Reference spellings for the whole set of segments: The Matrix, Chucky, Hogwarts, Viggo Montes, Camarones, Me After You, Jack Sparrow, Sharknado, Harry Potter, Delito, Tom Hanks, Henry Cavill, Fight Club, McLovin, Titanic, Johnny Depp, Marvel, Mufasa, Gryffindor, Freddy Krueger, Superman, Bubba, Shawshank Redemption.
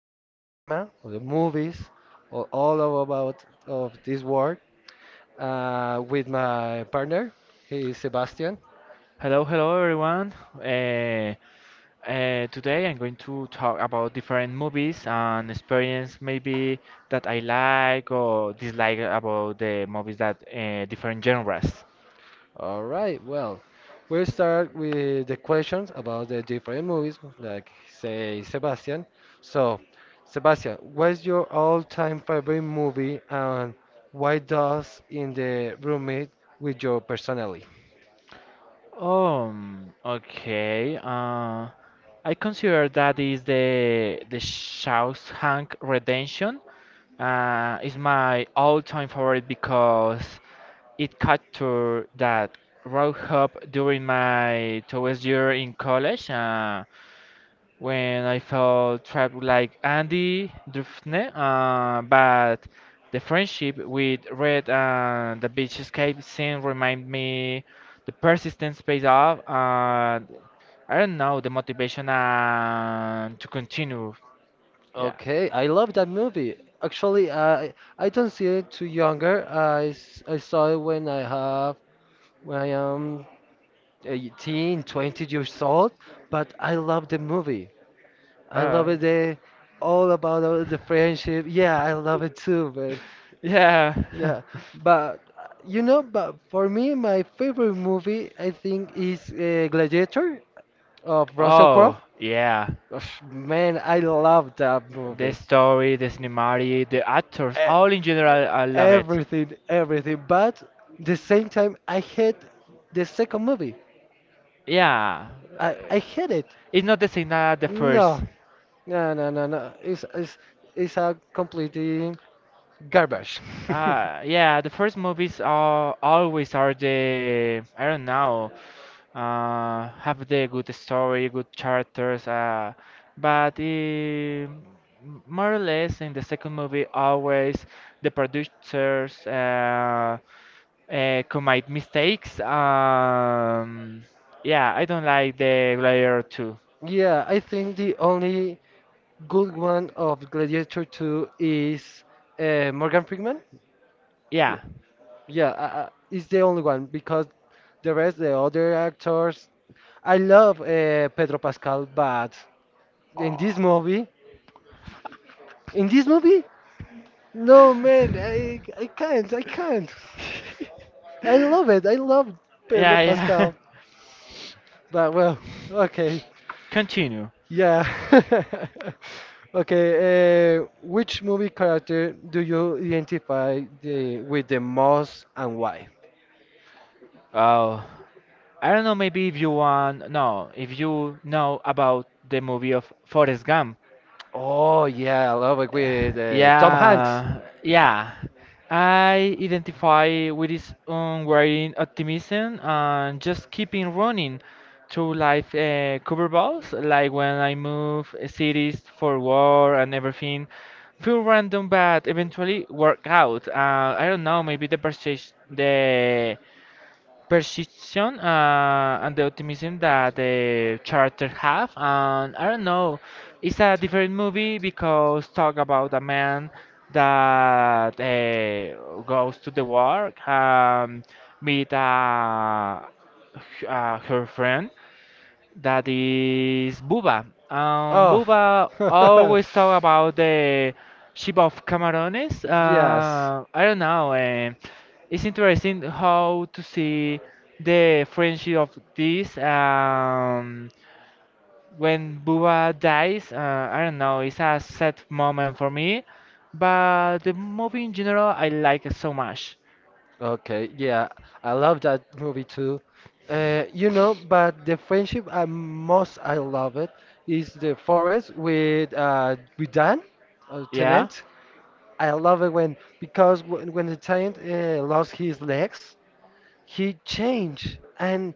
the cinema, or the movies, or all of about of this world with my partner. He is Sebastian. Hello, hello everyone. Today I'm going to talk about different movies and experience maybe that I like or dislike about the movies that different genres. All right, well, we'll start with the questions about the different movies, like say Sebastian. So, Sebastian, what's your all-time favorite movie and why does in the roommate with your personally? Okay. I consider that is the Shawshank Redemption. Is my all-time favorite because it captured that road hop during my towards year in college. When I felt trapped like Andy Dufresne, but the friendship with Red and the beach escape scene remind me the persistence pays off, and I don't know the motivation and to continue. Yeah. Okay, I love that movie. Actually, I don't see it too younger. I saw it when I have when I am 18, 20 years old, but I love the movie. I love Uh, it. They all about all the friendship. Yeah, I love it too, man. yeah. Yeah, but but for me, my favorite movie I think is Gladiator of Russell Crowe. Oh, yeah. Ugh, man, I love that The movie. story, the cinematic, the actors, E- all in general, I love it. Everything, everything. But the same time, I hate the second movie. Yeah. I hate it. It's not the same as the No, first. no, no. It's it's a completely garbage. Yeah, the first movies are always are the I don't know, have the good story, good characters. But eh, m more or less in the second movie, always the producers commit mistakes. Yeah, I don't like the Gladiator 2. Yeah, I think the only good one of Gladiator 2 is Morgan Freeman. Yeah, Yeah, it's the only one because the rest, the other actors, I love Pedro Pascal, but in this movie, in this movie, no man, I can't. I love it, I love Pedro yeah, yeah. Pascal, but well, okay. Continue. Yeah. Okay, which movie character do you identify the with the most and why? Oh. I don't know, maybe if you want, no, if you know about the movie of Forrest Gump. Oh yeah, I love it with Tom Hanks. Yeah, yeah. I identify with his unwavering optimism and just keeping running through life cover balls, like when I move cities for war and everything. Feel random, but eventually work out. I don't know, maybe the precision and the optimism that the character have, and I don't know, it's a different movie because talk about a man that goes to the work, meet her friend that is Buba. Oh. Buba always talk about the ship of Camarones. Yes. I don't know. It's interesting how to see the friendship of this. When Buba dies, I don't know. It's a sad moment for me, but the movie in general I like it so much. Okay. Yeah, I love that movie too. You know, but the friendship I most I love it is the forest with Dan, Yeah. Tennant. I love it when because when the Tennant lost his legs, he changed and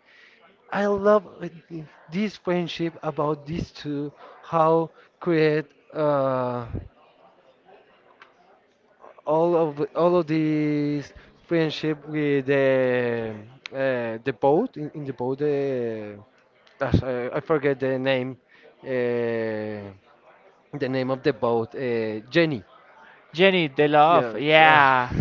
I love this friendship about these two, how create uh, all of these friendship with the boat in the boat. Gosh, I forget the name. Uh, the name of the boat, Jenny. Jenny, the love, Yes. Ah. yeah.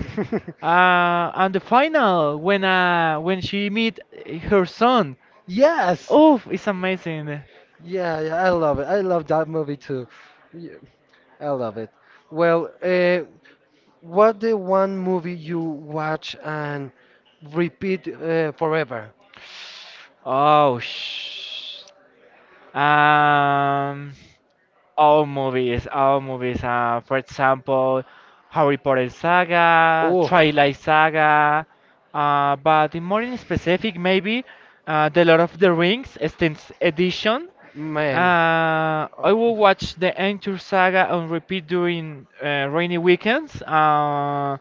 And the final when she meet her son. Yes. Oh, it's amazing. Yeah, yeah, I love it. I love that movie too. Yeah. I love it. Well, what the one movie you watch and repeat forever? Oh, sh um, all movies, all movies. For example, Harry Potter saga, Oh, Twilight saga. But in more in specific, maybe the Lord of the Rings extended edition. man. I Oh. will watch the Entire Saga on repeat during rainy weekends.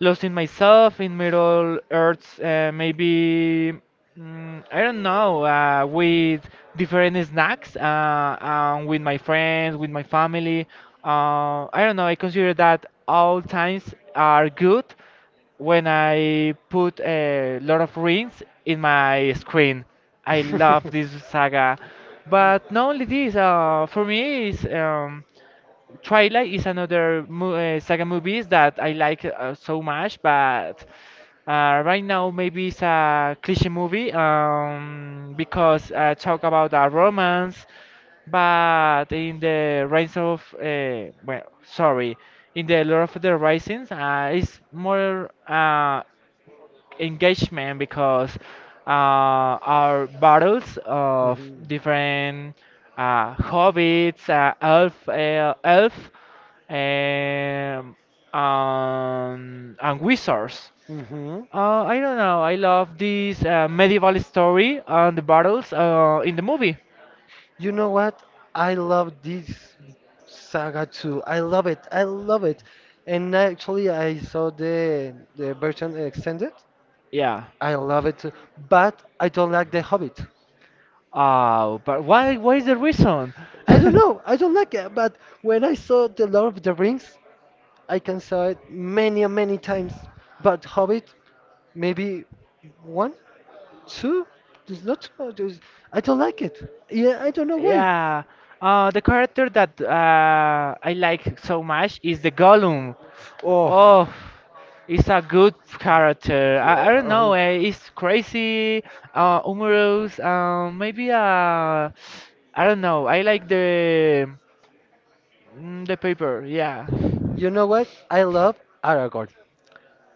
Lost in myself in Middle Earths, maybe I don't know, with different snacks, with my friends, with my family. I don't know. I consider that all times are good when I put a lot of rings in my screen. I love this saga, but not only this. For me, is Twilight is another mo saga movies that I like so much, but right now maybe it's a cliche movie because talk about a romance, but in the Rise of well, sorry, in the Lord of the Risings, it's more engagement because our battles of Mhm. different uh, hobbits, elf, um, and wizards. Mhm. I don't know. I love this medieval story and the battles in the movie. You know what? I love this saga too. I love it. I love it. And actually, I saw the version extended, Yeah. I love it too, but I don't like The Hobbit. Oh, but why? What is the reason? I don't know, I don't like it, but when I saw The Lord of the Rings, I can saw it many and many times. But Hobbit, maybe one, two? There's not too much. There's, I don't like it. Yeah, I don't know why. Yeah. The character that I like so much is the Gollum. Oh, Oh, it's a good character. I don't uh, know. It's crazy, humorous. Maybe I don't know. I like the the paper. Yeah. you know what? I love Aragorn.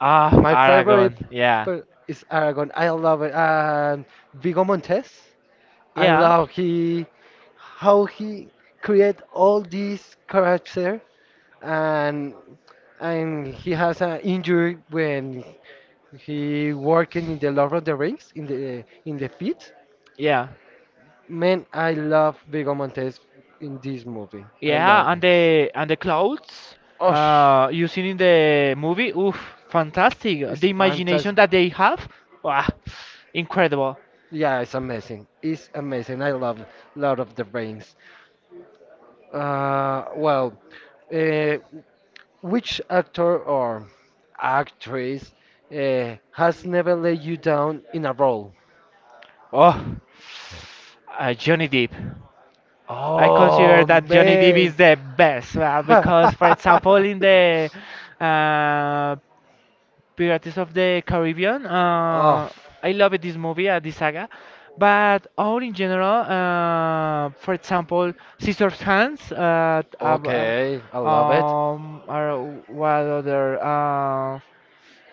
Ah, My favorite Aragon. Yeah. but it's Aragon. I love it. And Vigo Montes, I Yeah. love he how he create all these character and and he has an injury when he working in the Lord of the Rings in the pit. Yeah. Man, I love Viggo Montes in this movie. I love Yeah. And it. the clothes. Oh, You seen in the movie? Oof, fantastic. it's The imagination fantastic. that they have. Wow, incredible. Yeah, it's amazing. It's amazing. I love Lord of the Rings. Uh, well, uh, which actor or actress has never let you down in a role? Oh, Johnny Depp. I consider Oh that Johnny Depp man. is the best because, for example, in the uh, Pirates of the Caribbean, Oh, I love this movie, this saga. But all in general, for example, Scissors Hands, okay. I love it. Or what other?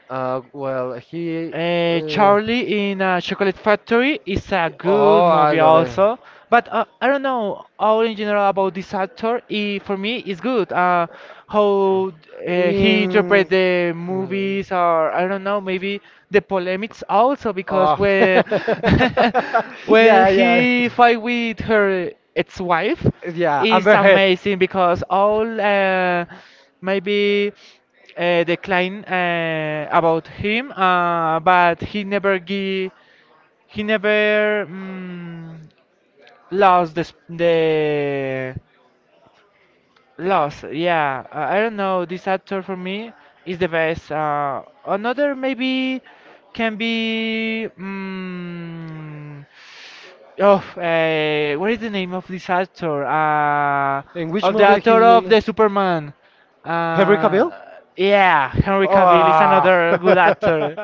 Well, he. Uh, Charlie in a Chocolate Factory is a good oh, I movie love also, but I don't know all in general about this actor. He, for me, is good. How it. He interpret In. the movies, or I don't know, maybe the polemics also because Oh, when when yeah, yeah, he fight with her ex-wife, yeah. is Amber Heard. amazing because all maybe decline about him, but he never lost the loss. Yeah, I don't know. This actor for me is the best. Another maybe can be. Oh, what is the name of this actor? In which Of the movie actor of he the Superman. Henry Cavill? Uh, yeah, Henry Cavill is Oh. another good actor.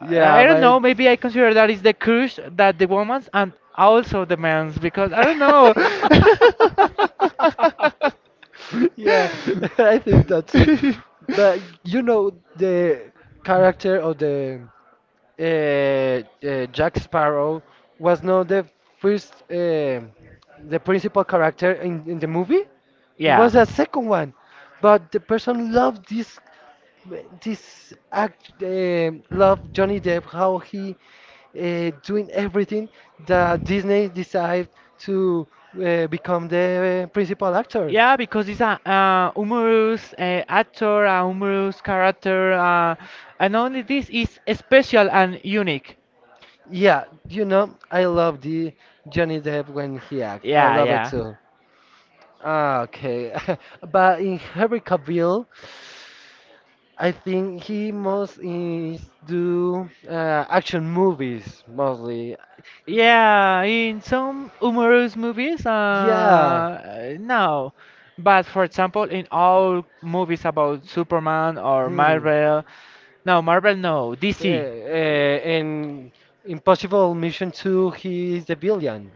I Yeah, don't know. Maybe I consider that is the curse that the woman's and also the man's because I don't know. but yeah, I think that too. But you know the character of the Jack Sparrow was not the first, the principal character in the movie. It was the Yeah. second one, but the person loved this, this act, loved Johnny Depp how he doing everything that Disney decided to become the principal actor. Yeah, because it's a humorous actor, a humorous character, and only this is special and unique. Yeah, you know, I love the Johnny Depp when he acts. I Yeah, love it yeah. too. Ah, okay. But in Henry Cavill, I think he most is do action movies mostly. Yeah, in some humorous movies, Yeah. No. But for example, in all movies about Superman or Hmm. Marvel, no, Yeah, DC. And Impossible Mission 2, he is the villain.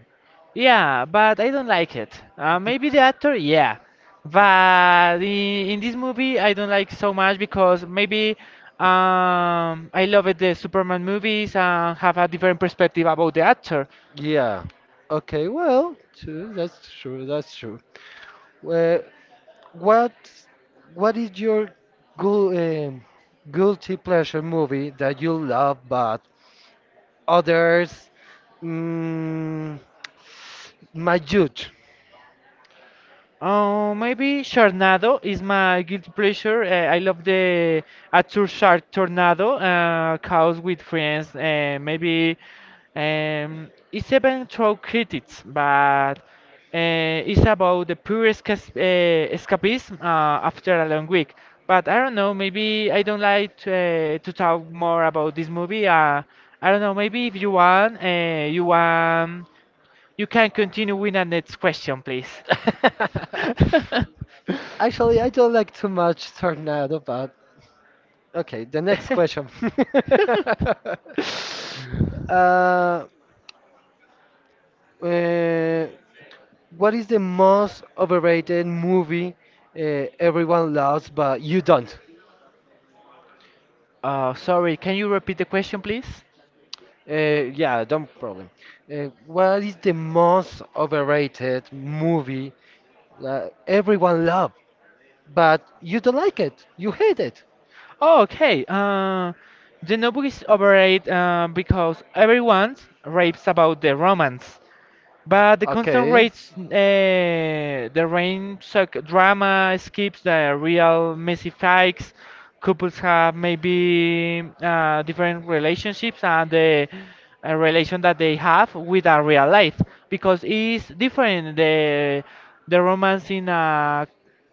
Yeah, but I don't like it. Maybe the actor, yeah, but in this movie I don't like so much because maybe I love it the Superman movies and have a different perspective about the actor. Yeah. Okay, well, true, that's true, that's true. Well, What what is your gu- um, guilty pleasure movie that you love but others mm, might judge? Oh, maybe Sharknado is my guilty pleasure. I love the Azure Shark Tornado, Chaos with Friends, and maybe it's even through critics, but it's about the pure escapism after a long week. But I don't know, Tell maybe I don't like to me talk more more about about this this movie. movie. And I I don't don't know, know, maybe maybe if if you you want, want, you you want, want, you you can can continue continue with with the the next next question, question, please. please. Actually, I don't like too much Tornado, but okay, the next question. uh, uh, what is the most overrated movie everyone loves but you don't? Sorry, can you repeat the question, please? Yeah, don't problem. What is the most overrated movie that everyone love, but you don't like it? You hate it. Oh, okay. The novel is overrated because everyone raves about the romance, but the Uh, constant Okay. rates, the rain suck drama skips the real messy fights. Couples have maybe different relationships and the relation that they have with a real life because it's different. The romance in a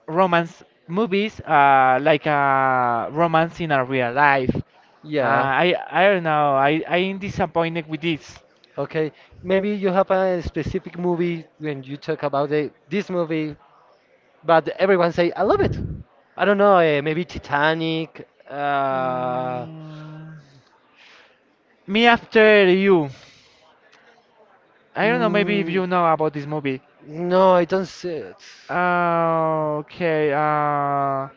romance movies like a romance in a real life. Uh, Yeah. I I don't know. I'm disappointed with this. Okay, maybe you have a specific movie when you talk about the, this movie, but everyone say I love it. I don't know, maybe Titanic. Mm, Me After You. I don't know, maybe if Mm, you know about this movie. no, I don't see it. Okay,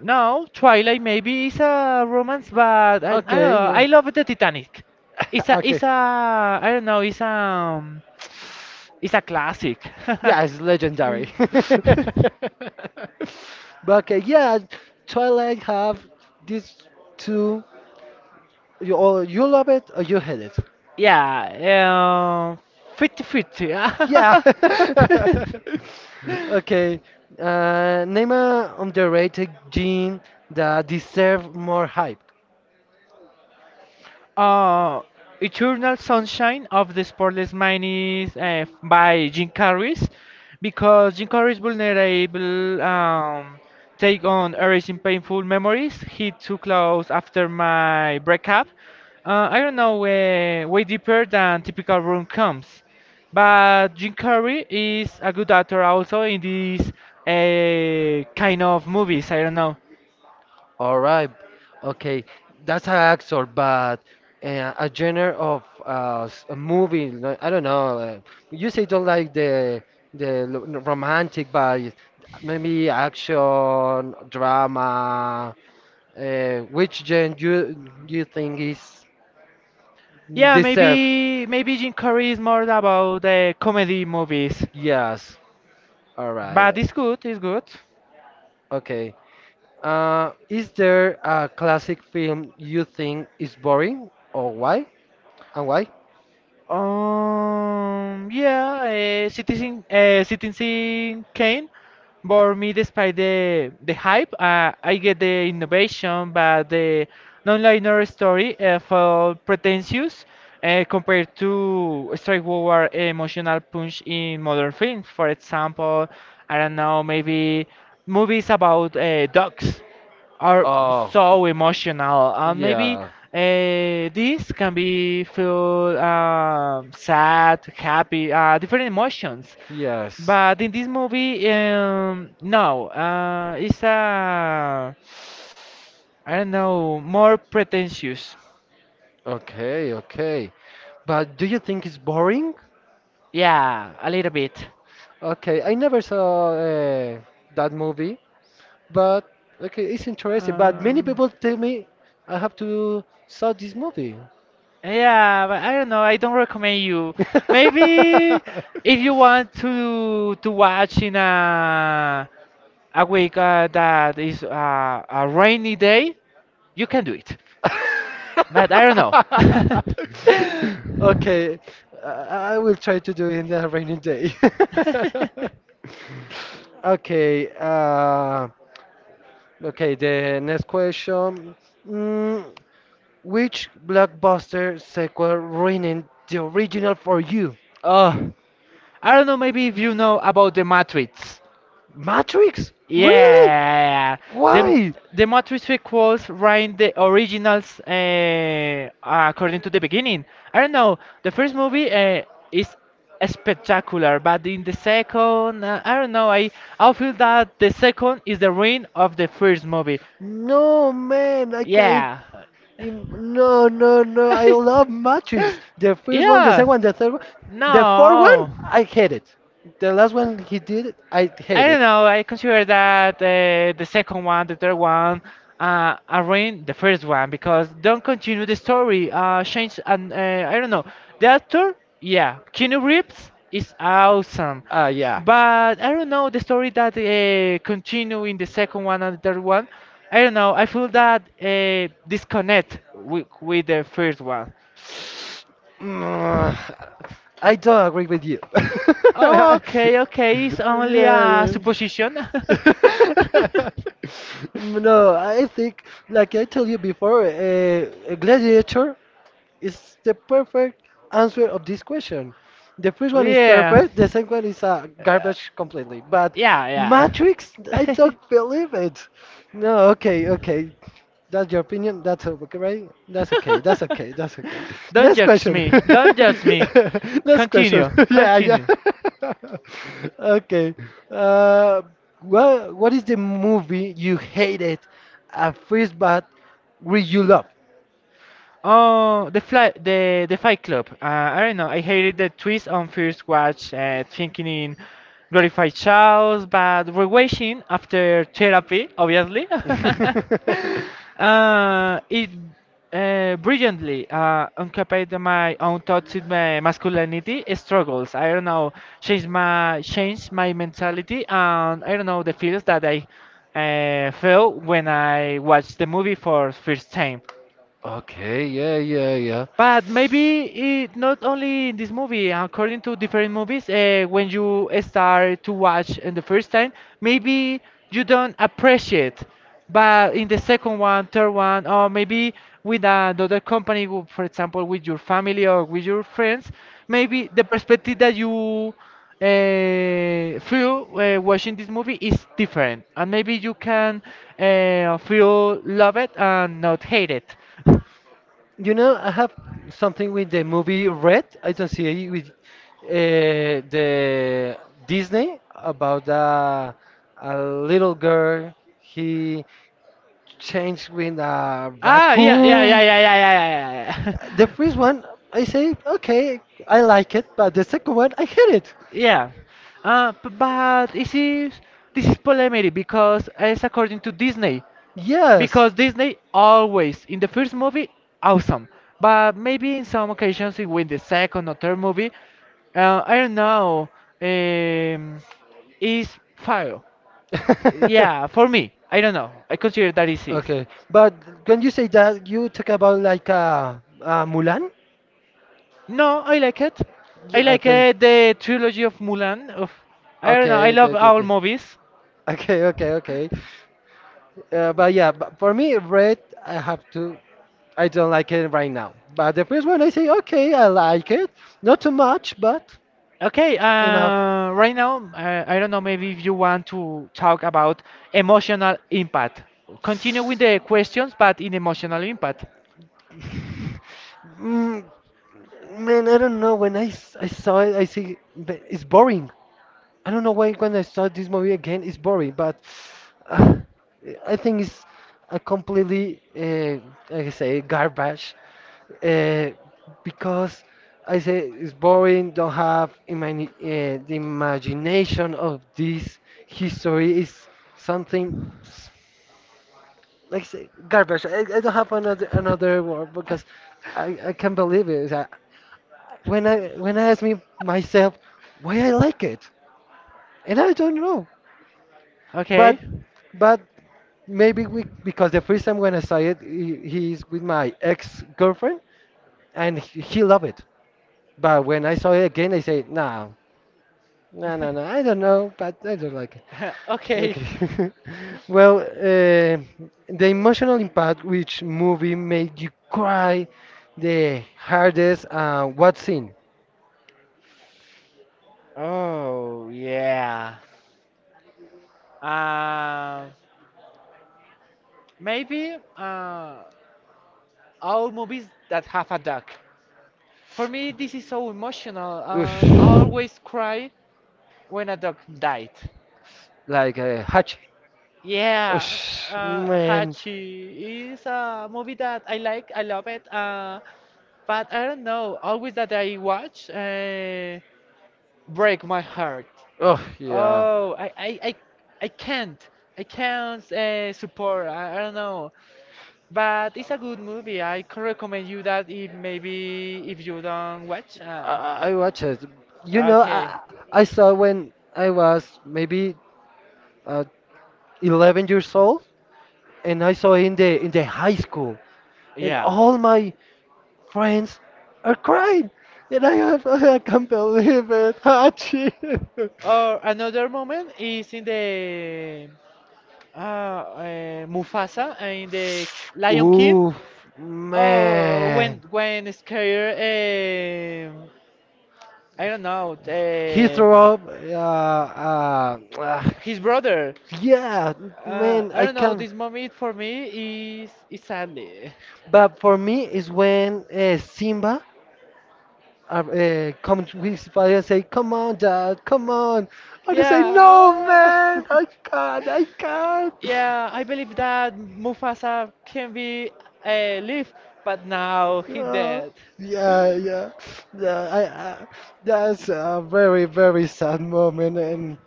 no, Twilight maybe is a romance, but I don't Okay, know. yeah. I love the Titanic. Okay. I don't know, it's a classic. Yeah, it's legendary. Mm. But okay, yeah, Twilight have these two. You or you love it or you hate it. Yeah, 50 fifty. Yeah. Okay. Name a underrated gene that deserve more hype. uh, Eternal Sunshine of the Spotless Mind is by Jim Carrey's because Jim Carrey's vulnerable take on erasing painful memories hit too close after my breakup. I don't know, way deeper than typical rom coms. But Jim Carrey is a good actor also in these kind of movies. I don't know. All right. Okay. That's an actor, but a genre of a movie. No- I don't know. You say don't like the the romantic, but maybe action, drama. Which genre you think is Yeah, deserve? maybe Jim Carrey is more about the comedy movies, Yes. All but right. it's good, it's good. Okay. Is there a classic film you think is boring, or why? And why? Yeah, Citizen Kane bore me despite the hype. I get the innovation, but the non-linear story felt pretentious compared to straightforward emotional punch in modern films. For example, I don't know, maybe movies about dogs are Oh, so emotional, and maybe yeah, this can be feel sad, happy, different emotions, yes. but in this movie, no, it's a, I don't know, more pretentious. Okay, okay. But do you think it's boring? Yeah, a little bit. Okay, I never saw that movie, but okay, it's interesting. But many um, people tell me I have to saw this movie. Yeah, yeah, but I don't know, I don't recommend you. Maybe if you want to watch in a week that is a rainy day, you can do it. But I don't know. want okay, I will try to do it in a rainy day. okay, uh, okay. The next question: mm, which blockbuster sequel ruined the original for you? Oh, I don't know. Maybe if you know about the matrix. Matrix? Yeah, Really? yeah, yeah. the Why? the matrix equals writing the originals according to the beginning. I don't know. The first movie is spectacular, but in the second, I don't know. I feel that the second is the ruin of the first movie. No, man, I can't. Yeah, im- No, no. I love Matrix. The first one, the second yeah. one, the third one, the fourth one. No. I hate it. The last one he did, it, I I hate it. don't know. I consider that the second one, the third one, a ruin the first one because don't continue the story. Change and I don't know. The actor, yeah, Keanu Reeves is awesome, Ah, yeah. but I don't know the story that continue in the second one and the third one. I don't know. I feel that disconnect with the first one. Mm, I don't agree with you. Yeah. Okay, okay, it's only a Yeah. supposition. No, I think, like I told you before, a gladiator it's the perfect answer of this question. The first one is Yeah. perfect, the second one is garbage completely. But Yeah, Matrix, I yeah. don't believe it. No, okay, okay. That's your opinion. That's okay, right? That's okay. That's okay. That's okay. Don't Next judge question. me. Don't judge me. Next question. Continue. Yeah, yeah. Continue. Okay. Uh, what is the movie you hated at first but we you love? Oh, the Fight Club. I don't know. I hated the twist on first watch, thinking in glorified Charles, but rewatching after therapy, Mushi obviously, after Cherambe, obviously. it brilliantly uncapped my own thoughts in my masculinity struggles. I don't know, changed my mentality, and I don't know the feels that I felt when I watched the movie for first time. Okay, yeah, yeah, yeah. But maybe it not only in this movie, according to different movies, when you start to watch in the first time, maybe you don't appreciate. But in the second one, third one, or maybe with another company, for example, with your family or with your friends, maybe the perspective that you feel watching this movie is different. And maybe you can feel love it and not hate it. You know, I have something with the movie Red. I don't see it with the Disney about a little girl. He changed with a ah, yeah, yeah, Ah, yeah, yeah, yeah, raccoon. yeah, yeah, yeah, yeah, yeah. The first one, I say, okay, I like it, but the second one, I hate it. yeah. But this is polemic because it's according to Disney, Yes. because Disney always in the first movie awesome, but maybe in some occasions in with the second or third movie, I don't know, um, is fire. Yeah, for me, I don't know. I consider that it is. Okay, but when you say that, you talk about like Mulan? No, I like it. I Yeah, like okay. The trilogy of Mulan. Of I don't know. Okay, I okay, love okay, all okay. movies. Okay, okay, okay. But yeah, but for me, red, I have to. I don't like it right now. But the first one, I say, okay, I like it. Not too much, but Okay. enough. Right now, I don't know. Maybe if you want to talk about emotional impact, continue with the questions, but in emotional impact. Mm, man, I don't know. When I saw it, I see but it's boring. I don't know why when I start this movie again, it's boring, but uh, I think it's a completely, like I say, garbage. Uh, because I say it's boring, don't have imani the imagination of this history is something s- like I say, garbage. I don't have another word because I can't believe it. I, when I ask me myself why I like it, and I don't know. Okay. But But maybe we, because the first time when I saw it, he's with my ex-girlfriend, and he loved it. But when I saw it again, I say, no, no, I don't know, but I don't like it. okay. Okay. Well, the emotional impact which movie made you cry the hardest, what scene? Oh yeah. Uh, maybe all movies that have a duck. For me, this is so emotional, Oof. and I always cry when a dog died. Like Hachi. Oh, Yeah, sh- man. Hachi is a movie that I like, I love it, but I don't know, always that I watch, break my heart. Oh, yeah. Oh, I can't, I don't know, but it's a good movie, I could recommend you that if maybe if you don't watch. I watch it. You know, Okay, I saw when I was maybe uh, 11 years old, and I saw in the high school, and yeah. all my friends are crying, and I have I can't believe it, Hachi. Or another moment is in the Mufasa in the Lion King. Ooh, Oh, when man, Scar, I don't know, he threw up. Yeah, uh, ah, his brother. yeah, man, I I don't know. can't. This moment for me is sadly. But for me, is when Simba come to his father and say, "Come on, Dad, come on." I just say, "No, Yeah, man, I can't." yeah. I believe that Mufasa can be live, but now he Yeah, dead. yeah, yeah, yeah. I, that's a very, very sad moment, and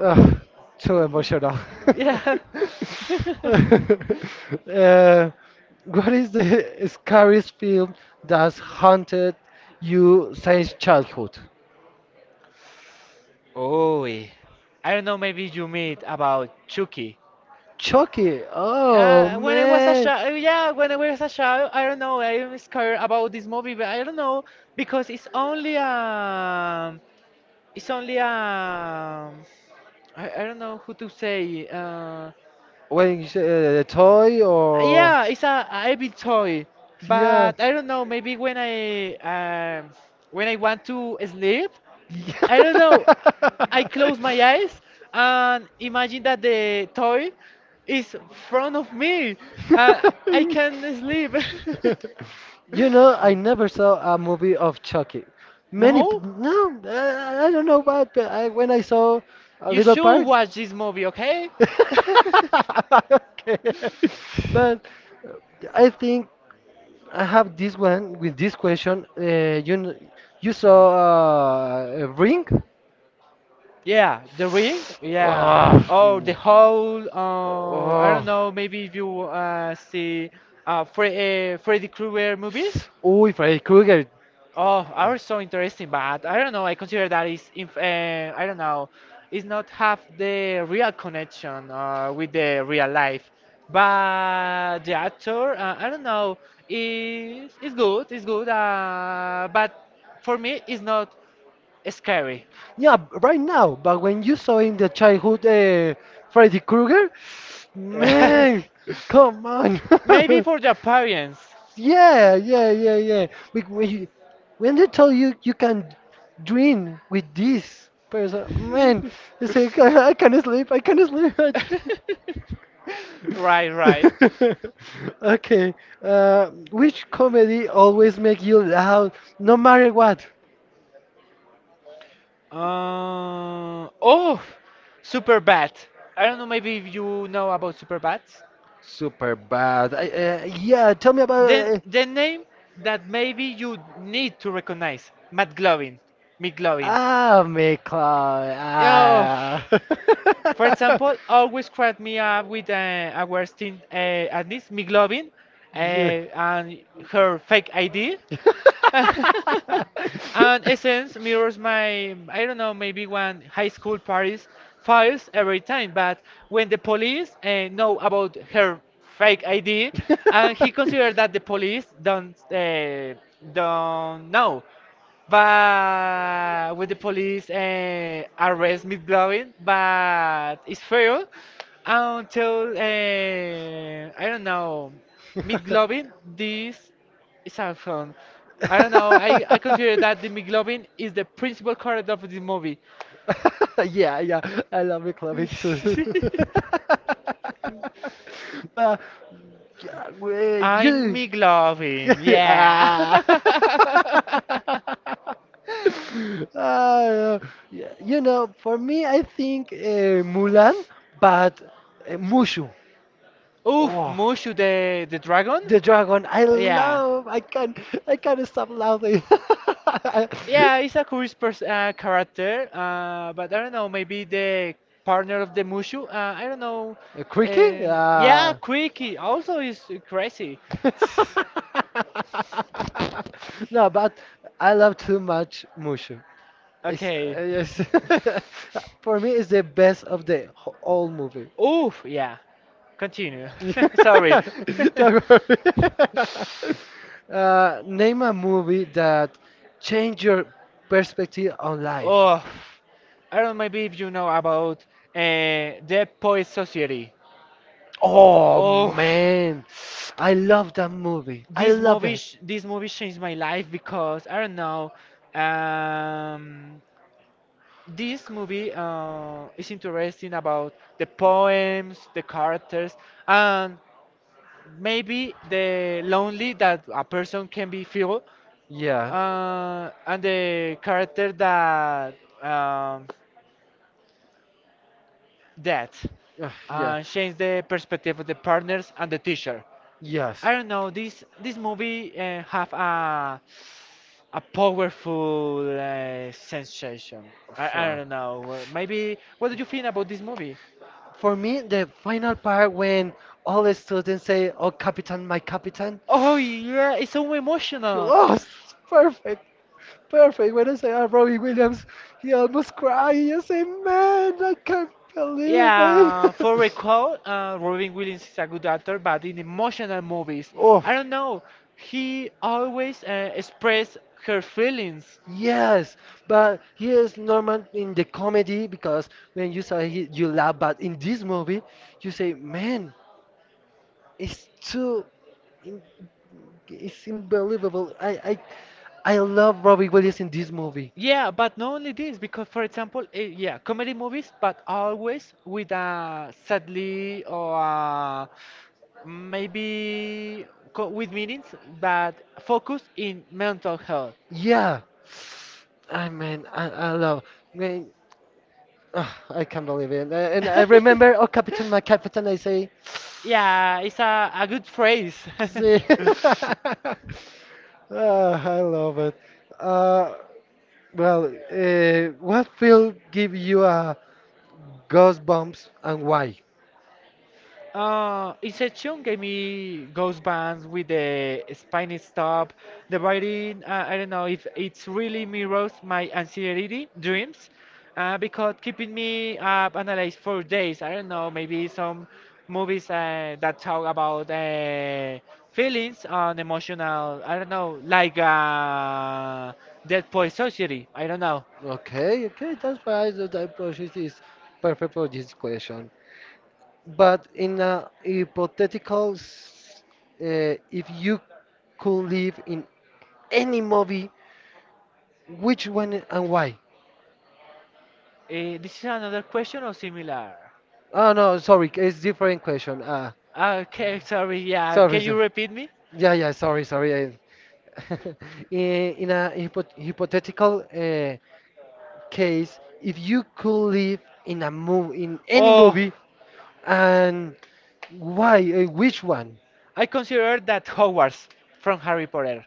ugh, too emotional. Yeah. Uh, what is the scariest film that's haunted you since childhood? Oh, I don't know. Maybe you meet about Chucky. Chucky. Oh When I was a man. child, yeah, when I was a child, I don't know, I'm scared about this movie, but I don't know because it's only um, I don't know who to say. When you say, the toy or Yeah, it's a heavy toy, yeah. but I don't know. Maybe when I want to sleep, I don't Yeah. know. I close my eyes and imagine that the toy is in front of me. Uh, I can sleep. You know, I never saw a movie of Chucky. Many, No? I don't know what, but when I saw a You little should part. watch this movie, okay? Okay. But I think I have this one with this question. You saw a ring? yeah, The Ring? Yeah. Oh, the Oh, whole, I don't oh. know, maybe if you see Freddy Krueger movies? Uy, Freddy Krueger. Oh, are so interesting, but I don't know, I consider that is, inf I don't know, it's not have the real connection with the real life. But the actor, I don't know, is good, but for me it's not scary. Yeah, right now. But when you saw in the childhood Freddy Krueger, man, come on. Maybe for the parents. Yeah, yeah, yeah, yeah. When they tell you you can dream with this person, man, you say, I can't sleep, I can't sleep. I right, right. okay, which comedy always make you laugh no matter what? Oh, super bat. I don't know. Maybe if you know about super bats. Super bad. Yeah, tell me about Then the name that maybe you need to recognize, Matt Glovin, McGlovin. ah, McCloud. Oh, Ah. for example, always crack me up with our team at least McGlovin and her fake ID. and essence mirrors my I don't know maybe when high school parties files every time but when the police know about her fake ID and he considered that the police don't know but when the police arrest Miss Glovin, but it's failed until I don't know Miss Glovin this it's a fun. I don't know. I consider that the McLovin is the principal character of this movie. Yeah, yeah, I love McLovin too. But yeah, well, I'm you. McLovin, yeah. Ah. Ah, yeah, you know, for me, I think Mulan, but Mushu. Oof, Oh, Mushu the dragon? the dragon, I Yeah. love. I can't stop laughing. Yeah, it's a curious pers character, but I don't know, maybe the partner of the Mushu, I don't know. A Creaky? Yeah, Yeah. Quickie also is crazy. No, but I love too much Mushu. It's, Okay. Yes. For me, it's the best of the whole movie. Oof, yeah. Continue. Sorry. Don't worry. Name a movie that changed your perspective on life. oh, I don't know maybe if you know about Dead Poet Society. Oh Oh, man, I love that movie. I love it. This movie changed my life because I don't know. Um, this movie is interesting about the poems, the characters, and maybe the lonely that a person can be feel Yeah. And the character that um, that Ugh, yeah. Changed the perspective of the partners and the teacher. Yes. I don't know. This movie have a powerful sensation. I Sure. don't know. Maybe what do you think about this movie? For me, the final part when all the students say, "Oh, Capitan, my Capitan," Oh yeah, it's so she emotional. lost. It's perfect, perfect. When I say, "Oh, Robbie Williams," he almost cried. He just said, "Man, I can't believe Yeah, for it." recall, Robin Williams is a good actor, but in emotional movies, Oh. I don't know, he always express her feelings. Yes, but he is normal in the comedy because when you saw he, you laugh, but in this movie, you say, "Man, it's too, in- it's unbelievable." I love Robbie Williams in this movie. Yeah, but not only this, because for example, yeah, comedy movies, but always with a sadly or a maybe co with meanings that focus in mental health. Yeah, I love. Man, ah, I can't believe it. And I remember, oh, captain, my captain, I say. Yeah, it's a good phrase. See? Ah, I love it. Uh, well, what will give you a goosebumps and why? Inception gave me ghost bands with the spiny stop, the writing. I don't know if it's really mirrors my anxiety dreams, because keeping me up analyzed for days. I don't know, maybe some movies that talk about feelings on emotional. I don't know, like Dead Poet Society. I don't know. Okay, okay, that's why the that process is perfect for this question. But in a hypothetical, if you could live in any movie, which one and why? This is another question or similar? Oh no, sorry, it's different question. Okay, sorry. Yeah, Sorry, can you sir. repeat me? Yeah, yeah, sorry, sorry. I, in a hypothetical case, if you could live in a movie, in any Oh, movie, and why, which one? I consider that Hogwarts from Harry Potter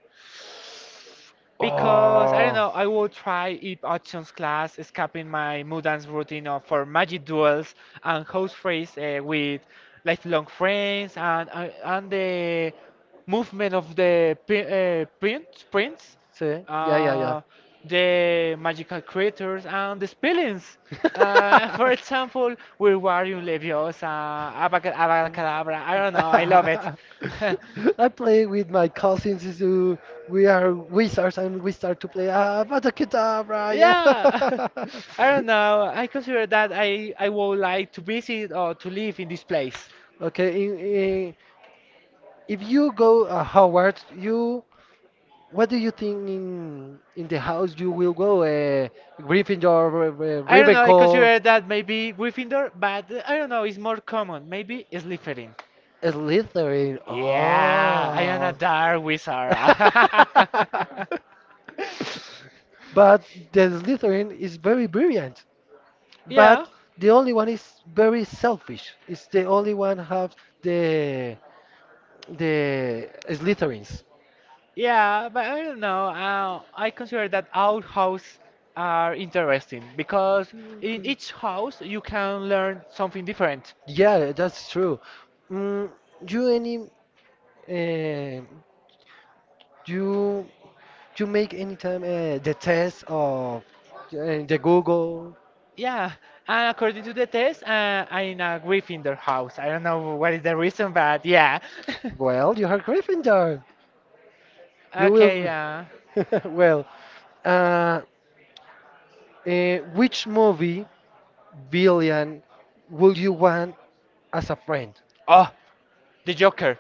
Oh, because I well, don't know. I will try it options class, escaping my mudance routine of, for magic duels and house freeze with lifelong friends and the movement of the prints, sí, ya, ya, uh, uh, ya. the magical creatures, and the spellings. For example, Wingardium Leviosa, Abacadabra. I don't know. I love it. Abracadabra. I play with my cousins. We are wizards and we start to play Abracadabra. Yeah. I yeah, don't know. I don't know. I consider that I would like to visit or to live in this place. Okay. If you go Howard, you what do you think in the house you will go? Gryffindor, I don't know. I Ravenclaw, consider that maybe Gryffindor, but I don't know. It's more common. Maybe Slytherin. Slytherin. Yeah, I am a Oh. dark wizard. But the Slytherin is very brilliant. Yeah, But the only one is very selfish. It's the only one have the the Slytherins. yeah, but I don't know. I consider that all houses are interesting because in each house you can learn something different. Yeah, that's true. Mm, you any? Uh, you you make anytime the test of the Google. Yeah, and according to the test, I'm a Gryffindor house. I don't know what is the reason, but yeah. Well, you are Gryffindor. You Okay, will. Well, uh, which movie villain would you want as a friend? oh, the Joker.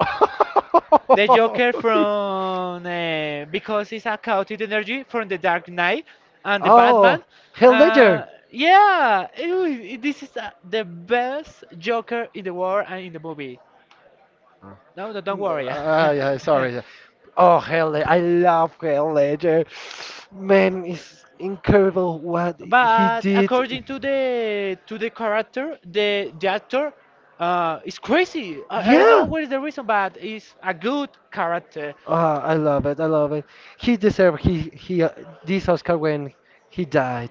The Joker from because it's a chaotic energy from the Dark Knight and the Oh, Batman. Hell Ledger. Uh, yeah, this is the best Joker in the world and in the movie. No, no, don't Mm, worry. ah, yeah, sorry. Oh, Hell Ledger. I love Hell Ledger. Man, it's incredible what he But did. according to the character, the actor, it's crazy. I don't Yeah. know what is the reason, but it's a good character. Ah, I love it. I love it. He deserved he this Oscar when he died.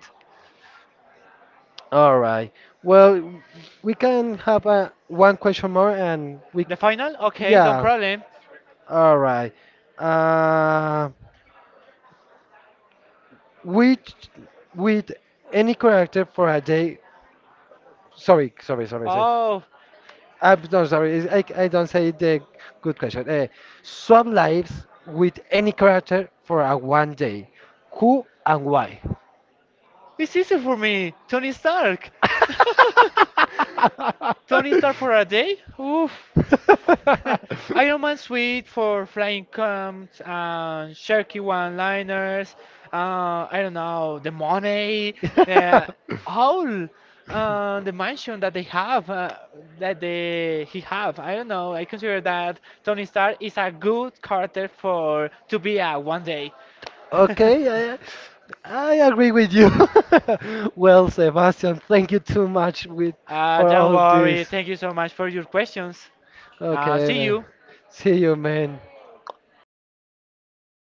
All right. Well, we can have a one question more and we The final, okay, no yeah. problem. All right. Uh, with with any character for a day. Sorry, sorry, sorry, sorry. Oh. I'm no, sorry. I don't say the good question. Swap lives with any character for a one day. Who and why? It's easy for me. Tony Stark. Tony Stark for a day? Oof. Iron Man suite for flying comps and jerky one-liners. I don't know the money, uh, all the mansion that they have, that they he have. I don't know. I consider that Tony Stark is a good character for to be a one day. Okay, I, I agree with you. Well, Sebastian, thank you too much with for don't all worry. this. Thank you so much for your questions. Okay, See man. you. See you, man.